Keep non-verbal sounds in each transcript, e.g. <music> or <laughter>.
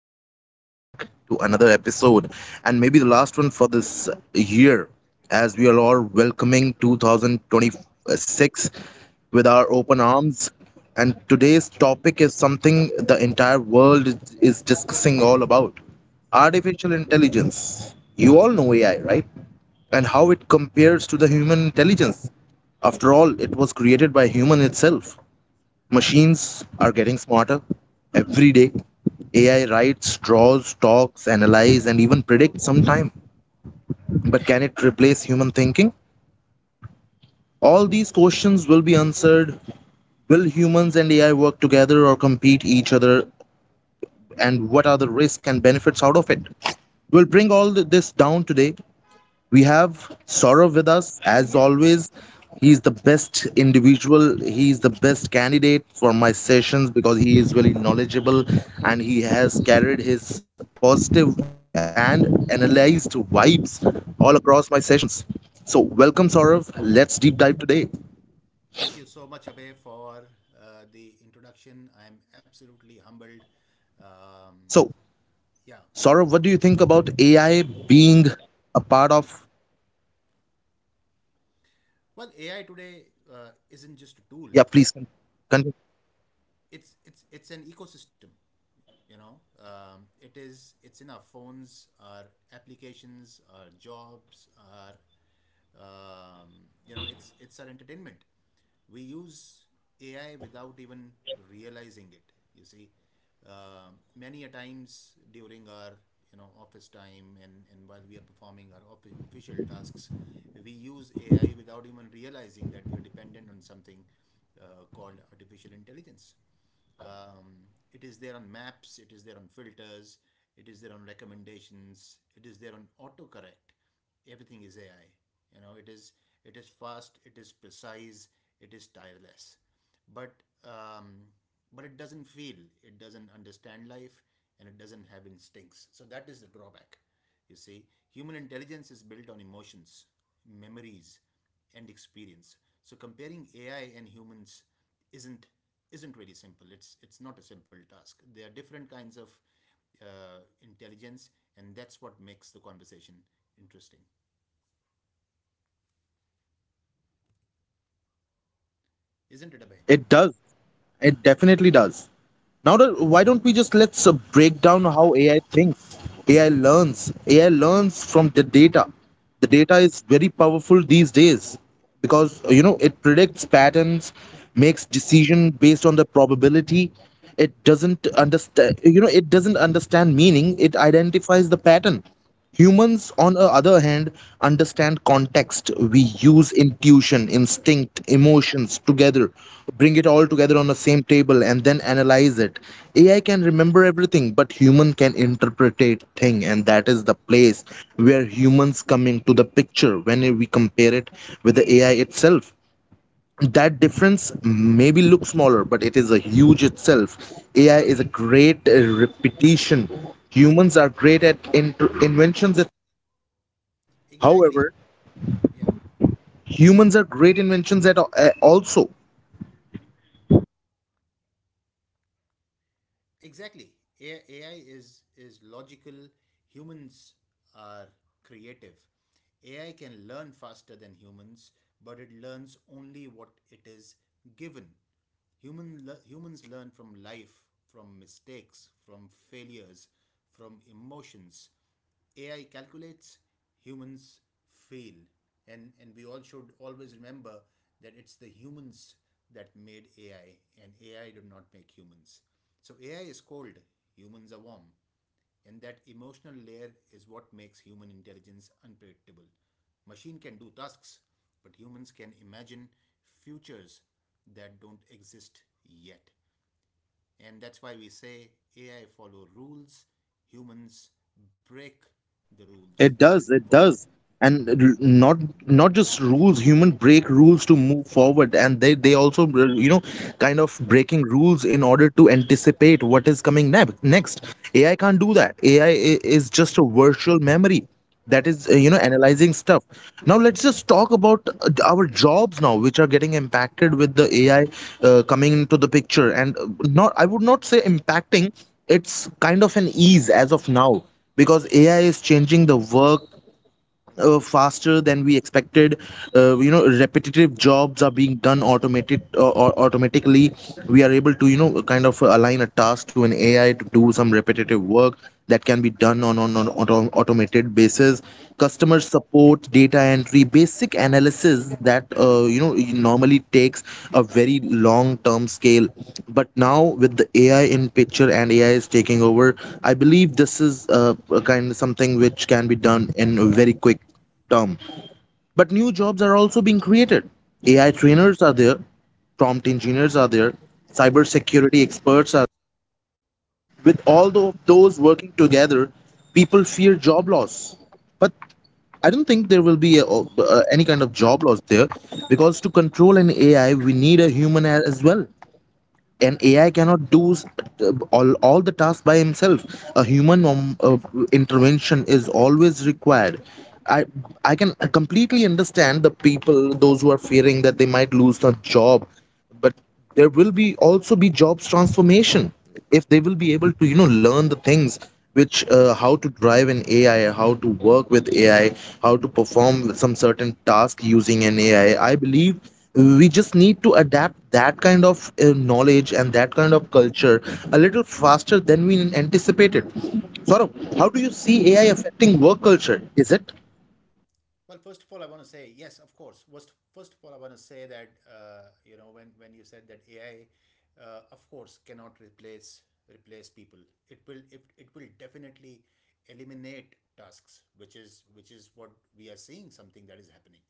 Welcome back to another episode, and maybe the last one for this year, as we are all welcoming 2026 with our open arms. And today's topic is something the entire world is discussing, all about artificial intelligence. You all know AI, right? And how it compares to the human intelligence. After all, it was created by human itself. Machines are getting smarter every day. AI writes, draws, talks, analyzes, and even predicts sometime. But can it replace human thinking? All these questions will be answered. Will humans and AI work together or compete each other? And what are the risks and benefits out of it? We'll bring all this down today. We have Saurav with us as always. He's the best individual. He's the best candidate for my sessions because he is very knowledgeable, and he has carried his positive and analyzed vibes all across my sessions. So, welcome, Saurav. Let's deep dive today. Thank you so much, Abhay, for the introduction. I'm absolutely So, humbled. Saurav, what Um, do you think about yeah, AI and being a part of? well, AI today Yeah, please isn't just a tool. continue. It's an ecosystem. You know, it's in our phones, our applications, our jobs, our um, you know, it's our entertainment. We use AI without even realizing it. You see, uh, many a times during our office time and while we are performing our official tasks, we use AI without even realizing that we are dependent on something called artificial intelligence. It is there on maps, it is there on filters, it is there on recommendations, it is there on autocorrect. Everything is AI. You know, it is it is fast, it is precise, it is tireless. But um, but it doesn't feel, it doesn't understand life, and it doesn't have instincts. So that is the drawback. You see, human intelligence is built on emotions, memories, and experience. So comparing AI and humans isn't isn't very simple. It's not a simple task. There are different kinds of intelligence, and that's what makes the conversation interesting, isn't it, Abhay? It does. It definitely does. Now, that, why don't we just let's break down how AI thinks, AI learns. AI learns from the data. The data is very powerful these days, because you know, it predicts patterns, makes decision based on the probability. It doesn't understand, you know, it doesn't understand meaning. It identifies the pattern. Humans, on the other hand, understand context. We use intuition, instinct, emotions together, bring it all together on the same table, and then analyze it. AI can remember everything, but human can interpret it thing, and that is the place where humans come into the picture when we compare it with the AI itself. That difference maybe looks smaller, but it is a huge itself. AI is a great repetition. Humans are great at inventions. Exactly. However, Yeah. humans are great inventions at also. Exactly. AI is logical. Humans are creative. AI can learn faster than humans, but it learns only what it is given. Humans learn from life, from mistakes, from failures, from emotions. AI calculates, humans feel. And we all should always remember that it's the humans that made AI, and AI did not make humans. So AI is cold, humans are warm, and that emotional layer is what makes human intelligence unpredictable. Machine can do tasks, but humans can imagine futures that don't exist yet. And that's why we say AI follow rules, humans break the rules It to does, move it forward. does. And not not just rules, human break rules to move forward, and they also you know, kind of breaking rules in order to anticipate what is coming next. AI can't do that. AI is just a virtual memory that is Yeah. you know, analyzing stuff. Now let's just talk about our jobs now, which are getting impacted with the AI coming into the picture, and not, I would not say impacting. It's kind of an ease as of now, because AI is changing the work faster than we expected. You know, repetitive jobs are being done automated, or automatically. We are able to you know, kind of align a task to an AI to do some repetitive work that can be done on on automated basis. Mm-hmm. Customer support, report, data entry, basic analysis, that you know, normally takes a very long term scale, but now with the ai in picture and ai is taking over, I believe this is a kind of something which can be done in a very quick term. But new jobs are also being created. AI trainers are there, prompt engineers are there, cybersecurity experts are, with all those working together. People fear job loss, but I don't think there will be a, any kind of job loss there, because to control an AI, we need a human as well. An AI cannot do all the tasks by himself. A human intervention is always required. I I can completely understand the people, those who are fearing that they might lose their job, but there will be also be jobs transformation, if they will be able to you know, learn the things which, how to drive an AI, how to work with AI, how to perform some certain task using an AI. I believe we just need to adapt that kind of knowledge and that kind of culture a little faster than we anticipated. Saurabh, how do you see AI affecting work culture? Is it? Well, first of all, I want to say yes, of course. First of all, I want to say that when you said that AI, of course, cannot replace people. It will definitely eliminate tasks, which is what we are seeing, something that is happening,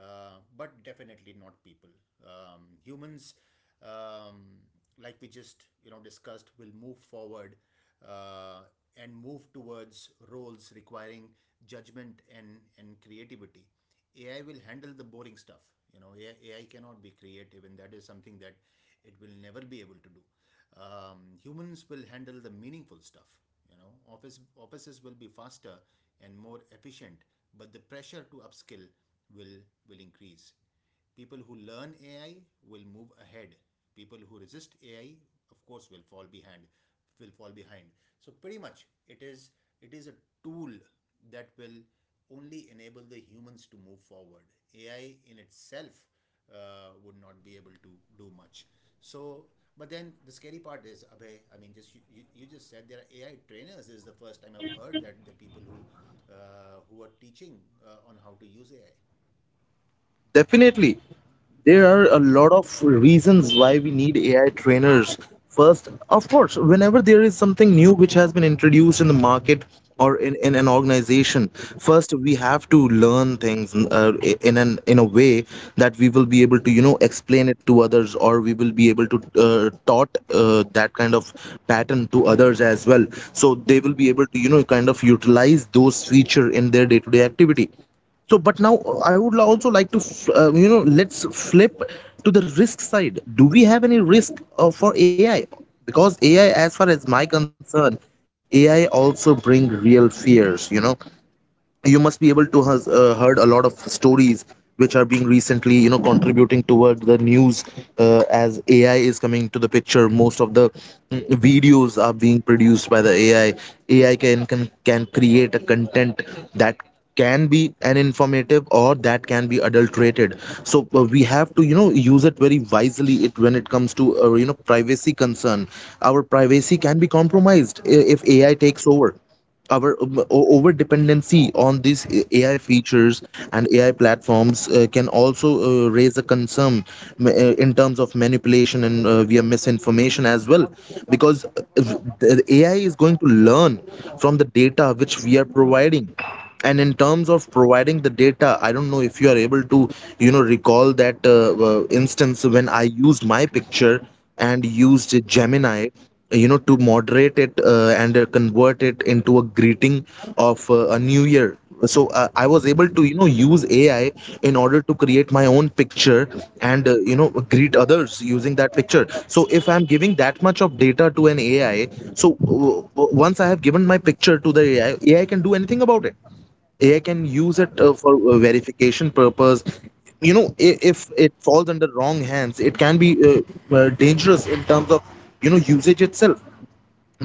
but definitely not people. Humans, um, like we just discussed, will move forward uh, and move towards roles requiring judgment and creativity. AI will handle the boring stuff. AI cannot be creative, and that is something that it will never be able to do. Humans will handle the meaningful stuff. Offices will be faster and more efficient, but the pressure to upskill will will increase. People who learn AI will move ahead. People who resist AI, of course, will fall behind. will fall behind so, pretty much, it is it is a tool that will only enable the humans to move forward. AI in itself would not be able to do much. So, but then the scary part is, Abhay, I mean, just said there are AI trainers. This is the first time I've heard that, the people who are teaching on how to use AI. Definitely. There are a lot of reasons why we need AI trainers. First, of course, whenever there is something new which has been introduced in the market or in an organization, first we have to learn things in an, in a way that we will be able to you know, explain it to others, or we will be able to taught that kind of pattern to others as well. So they will be able to you know, kind of utilize those feature in their day-to-day activity. So, but now I would also like to, you know, let's flip to the risk side. Do we have any risk for AI? Because AI, as far as my concern, AI also bring real fears. You know, you must be able to has heard a lot of stories which are being recently you know, contributing toward the news, as ai is coming to the picture. Most of the videos are being produced by the ai. Ai can create a content that can be an informative, or that can be adulterated. So we have to you know, use it very wisely, it when it comes to you know, privacy concern. Our privacy can be compromised, if ai takes over our over dependency on these AI features and AI platforms can also raise a concern, m- uh, in terms of manipulation and via misinformation as well, because the AI is going to learn from the data which we are providing. And in terms of providing the data, I don't know if you are able to, you know, recall that instance when I used my picture and used Gemini, you know, to moderate it and convert it into a greeting of a new year. So I was able to you know, use ai in order to create my own picture, and you know, greet others using that picture. So if I'm giving that much of data to an ai, so once I have given my picture to the ai, ai can do anything about it. AI can use Yeah. it for verification purpose. You know, if it falls under wrong hands, it can be dangerous in terms of you know, usage itself.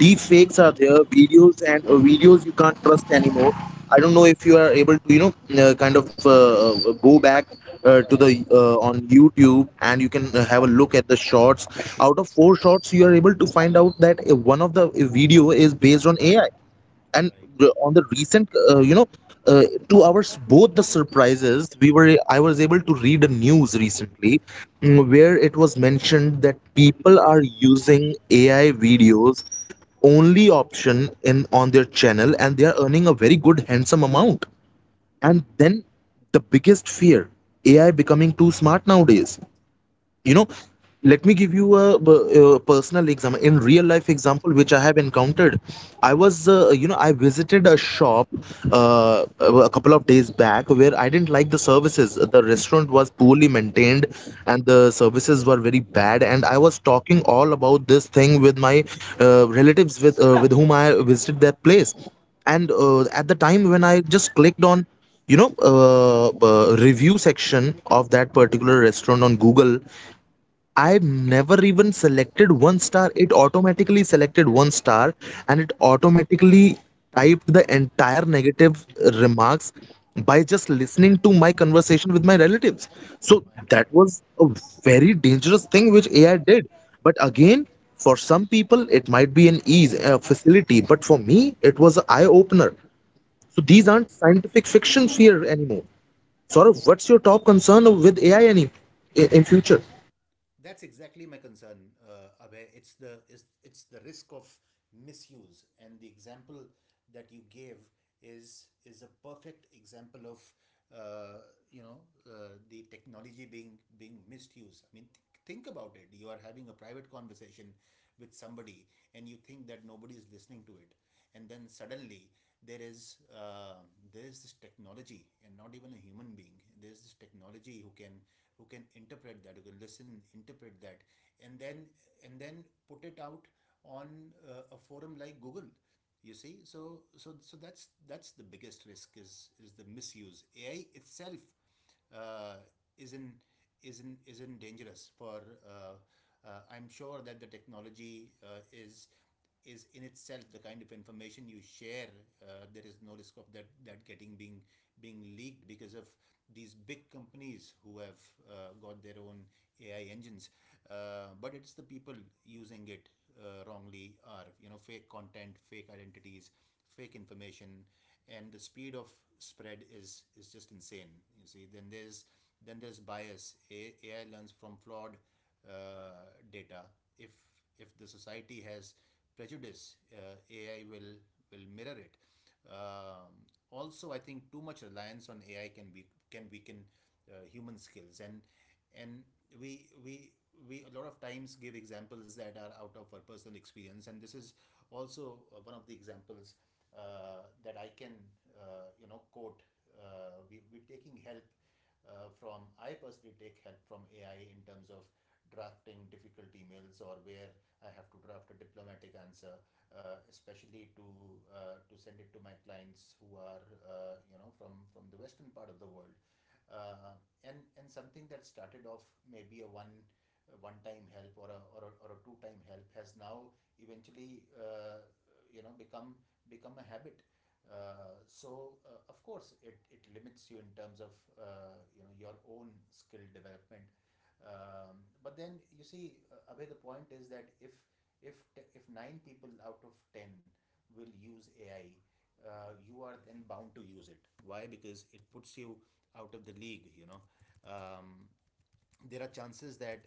Deep fakes are there, videos, and videos you can't trust anymore. I don't know if you are able to you know, kind of go back to the on YouTube, and you can have a look at the shots. Out of four shots, you are able to find out that one of the video is based on AI. And Right. On the recent you know, uh, to our both the surprises, we were I was able to read a news recently, where it was mentioned that people are using ai videos only option in on their channel, and they are earning a very good handsome amount. And Hmm. then the biggest fear, ai becoming too smart nowadays, you know, let me give you uh, personal example, in real life example which I have encountered. I was you know, I visited a shop a couple of days back, where I didn't like the services. The restaurant was poorly maintained and the services were very bad, and I was talking all about this thing with my relatives, with whom I visited that place. And at the time when I just clicked on you know, review section of that particular restaurant on google, I've never even selected one star. It automatically selected one star, and it automatically typed the entire negative remarks by just listening to my conversation with my relatives. So My God. that was a very dangerous thing which AI did. But again, for some people, it might be an ease, a facility. But for me, it was an eye opener. So Yeah. these aren't scientific fictions here anymore. Saurav, what's your top concern with AI any, in future? That's exactly my concern, Abhay. It's the risk of misuse, and the example that you gave is a perfect example of uh, you know the technology being misused. I mean, think about it. You are having a private conversation with somebody, and you think that nobody is listening to it, and then suddenly there is uh, there is this technology, and not even a human being. There is this technology who can interpret that, who can listen, interpret that, and then put it out on a forum like Google. You see, so that's the biggest risk is the misuse. AI itself uh, isn't isn't dangerous for uh, I'm sure that the technology is in itself, the kind of information you share, there is no risk of that getting being leaked because of these big companies who have got their own AI engines. But it's the people using it wrongly, are fake content, fake identities, fake information, and the speed of spread is just insane. You see, then there's bias. AI learns from flawed data. If if the society has prejudice, AI will mirror it. Also, I think too much reliance on AI can be can weaken human skills, and and we we we a lot of times give examples that are out of our personal experience, and this is also one of the examples that I can quote. We we're taking help from I personally take help from AI in terms of drafting difficult emails, or where I have to draft a diplomatic answer, especially to send it to my clients who are from the western part of the world. Uh, and and something that started off maybe a one time help, or a two time help, has now eventually you know become become a habit. Of course, it limits you in terms of your own skill development. But then you see, Abhay, the point is that if nine people out of ten will use AI, you are then bound to use it. Why? Because it puts you out of the league. um, there are chances that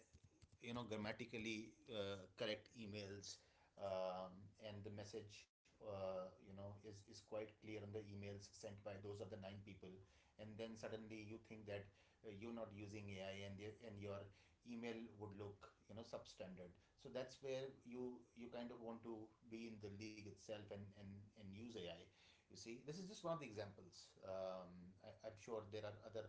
grammatically correct emails, um, and the message, is quite clear on the emails sent by those other nine people, and then suddenly you think that you're not using AI, and your email would look, substandard. So that's where you kind of want to be in the league itself, and use AI. You see, this is just one of the examples. I'm sure there are other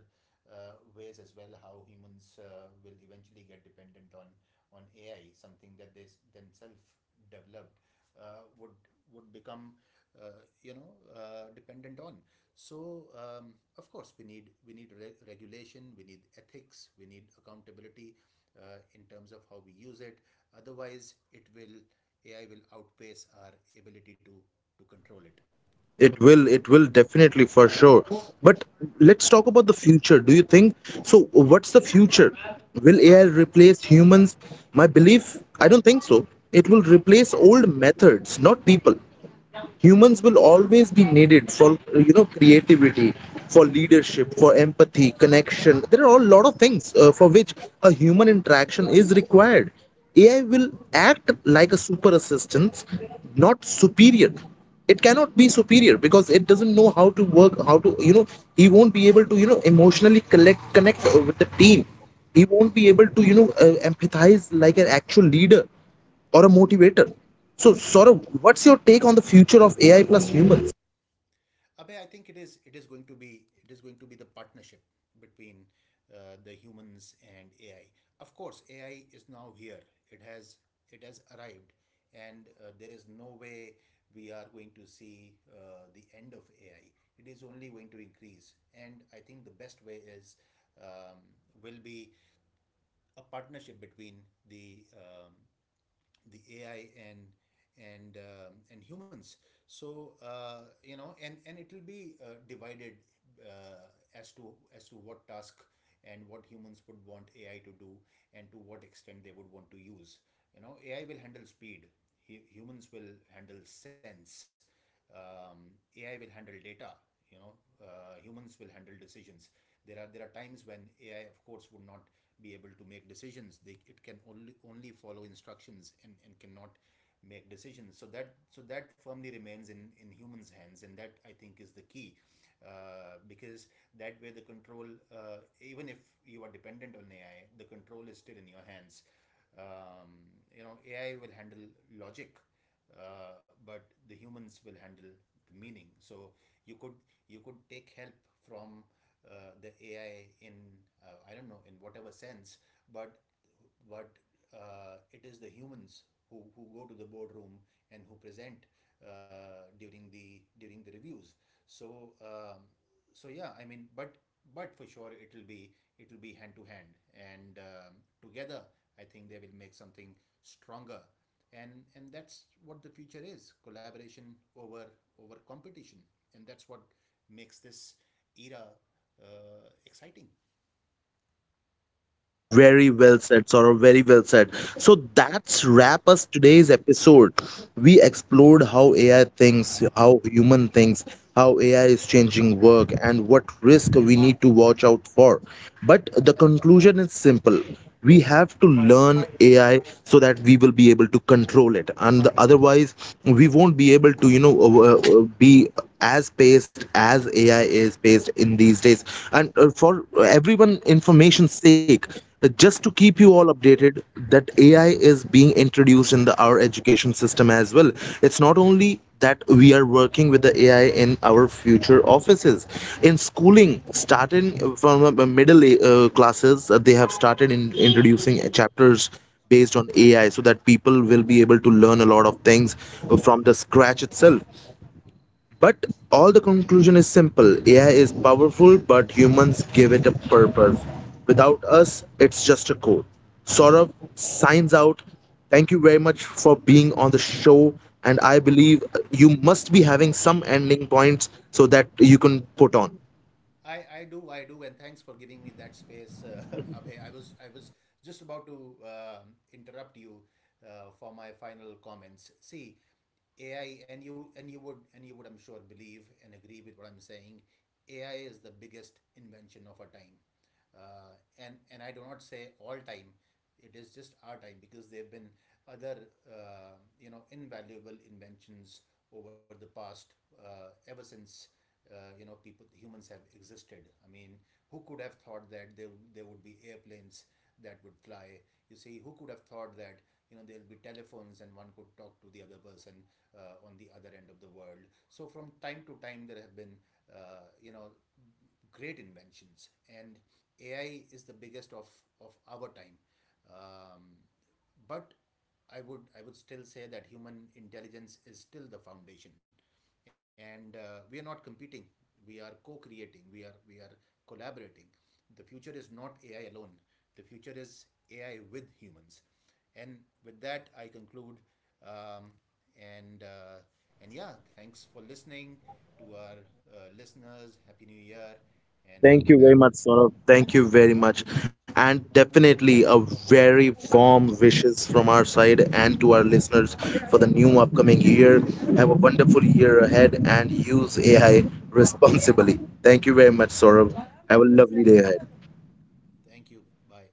ways as well how humans will eventually get dependent on AI. Something that they themselves developed uh, would would become dependent on. So, of course, we need, regulation, we need ethics, we need accountability in terms of how we use it. Otherwise, it will AI will outpace our ability to control it. It will definitely for sure. But let's talk about the future. Do you think so? What's the future? Will AI replace humans? My belief, I don't think so. It will replace old methods, not people. Humans will always be needed for you know, creativity, for leadership, for empathy, connection. There are a lot of things for which a human interaction is required. AI will act like a super assistant, not superior. It cannot be superior, because it doesn't know how to work, how to you know, he won't be able to you know, emotionally collect connect with the team. He won't be able to you know, empathize like an actual leader or a motivator. So, Saurabh, what's your take on the future of AI plus humans? Abhay, I think it is going to be it is going to be the partnership between the humans and AI. Of course, AI is now here. It has it has arrived, and there is no way we are going to see the end of AI. It is only going to increase, and I think the best way is um, will be a partnership between the AI and humans. So, you know, and it will be divided uh, as to what task and what humans would want AI to do, and to what extent they would want to use. AI will handle speed. Humans will handle sense. AI will handle data. You know, Humans will handle decisions. There are times when AI, of course, would not be able to make decisions. They It can only follow instructions, and cannot make decisions. So that firmly remains in humans hands, and that I think is the key, because that way, the control, even if you are dependent on AI, the control is still in your hands. um, AI will handle logic, but the humans will handle the meaning. So you could take help from the AI in, I don't know, in whatever sense, but but it is the humans who go to the boardroom and who present, during the reviews. So, yeah, I mean, but for sure, it'll be hand to hand and, together. I think they will make something stronger, and that's what the future is: collaboration over competition, and that's what makes this era exciting. Very well said, Saurabh. Very well said. So that's wrap us today's episode. We explored how AI thinks, how human thinks, how AI is changing work, and what risk we need to watch out for. But the conclusion is simple. We have to learn AI so that we will be able to control it, and otherwise we won't be able to, you know, be as paced as AI is paced in these days. And for everyone information's sake, just to keep you all updated, that AI is being introduced in the our education system as well. It's not only that we are working with the AI in our future offices, in schooling, starting from middle classes, they have started in introducing chapters based on AI, so that people will be able to learn a lot of things from the scratch itself. But all the conclusion is simple. AI is powerful, but humans give it a purpose. Without us, it's just a code. Saurabh signs out. Thank you very much for being on the show. And I believe you must be having some ending points so that you can put on. I do and thanks for giving me that space, <laughs> Abhay. I was just about to interrupt you for my final comments. See, AI, and you would, I'm sure, believe and agree with what I'm saying. AI is the biggest invention of our time, and I do not say all time. It is just our time, because there have been other invaluable inventions over the past, ever since people humans have existed. I mean, who could have thought that there would be airplanes that would fly? You see, who could have thought that there'll be telephones and one could talk to the other person on the other end of the world? So from time to time, there have been, uh, you know great inventions, and AI is the biggest of our time. Um, but I would still say that human intelligence is still the foundation, and we are not competing. We are co-creating. We are collaborating. The future is not AI alone. The future is AI with humans, and with that I conclude. Um, and uh, and yeah, thanks for listening to our, listeners. Happy New Year, and we'll Thank be you very back. much, Saurabh. Thank you very much. And definitely a very warm wishes from our side and to our listeners for the new upcoming year. Have a wonderful year ahead, and use AI responsibly. Thank you very much, Saurabh. Have a lovely day ahead. Thank you. Bye.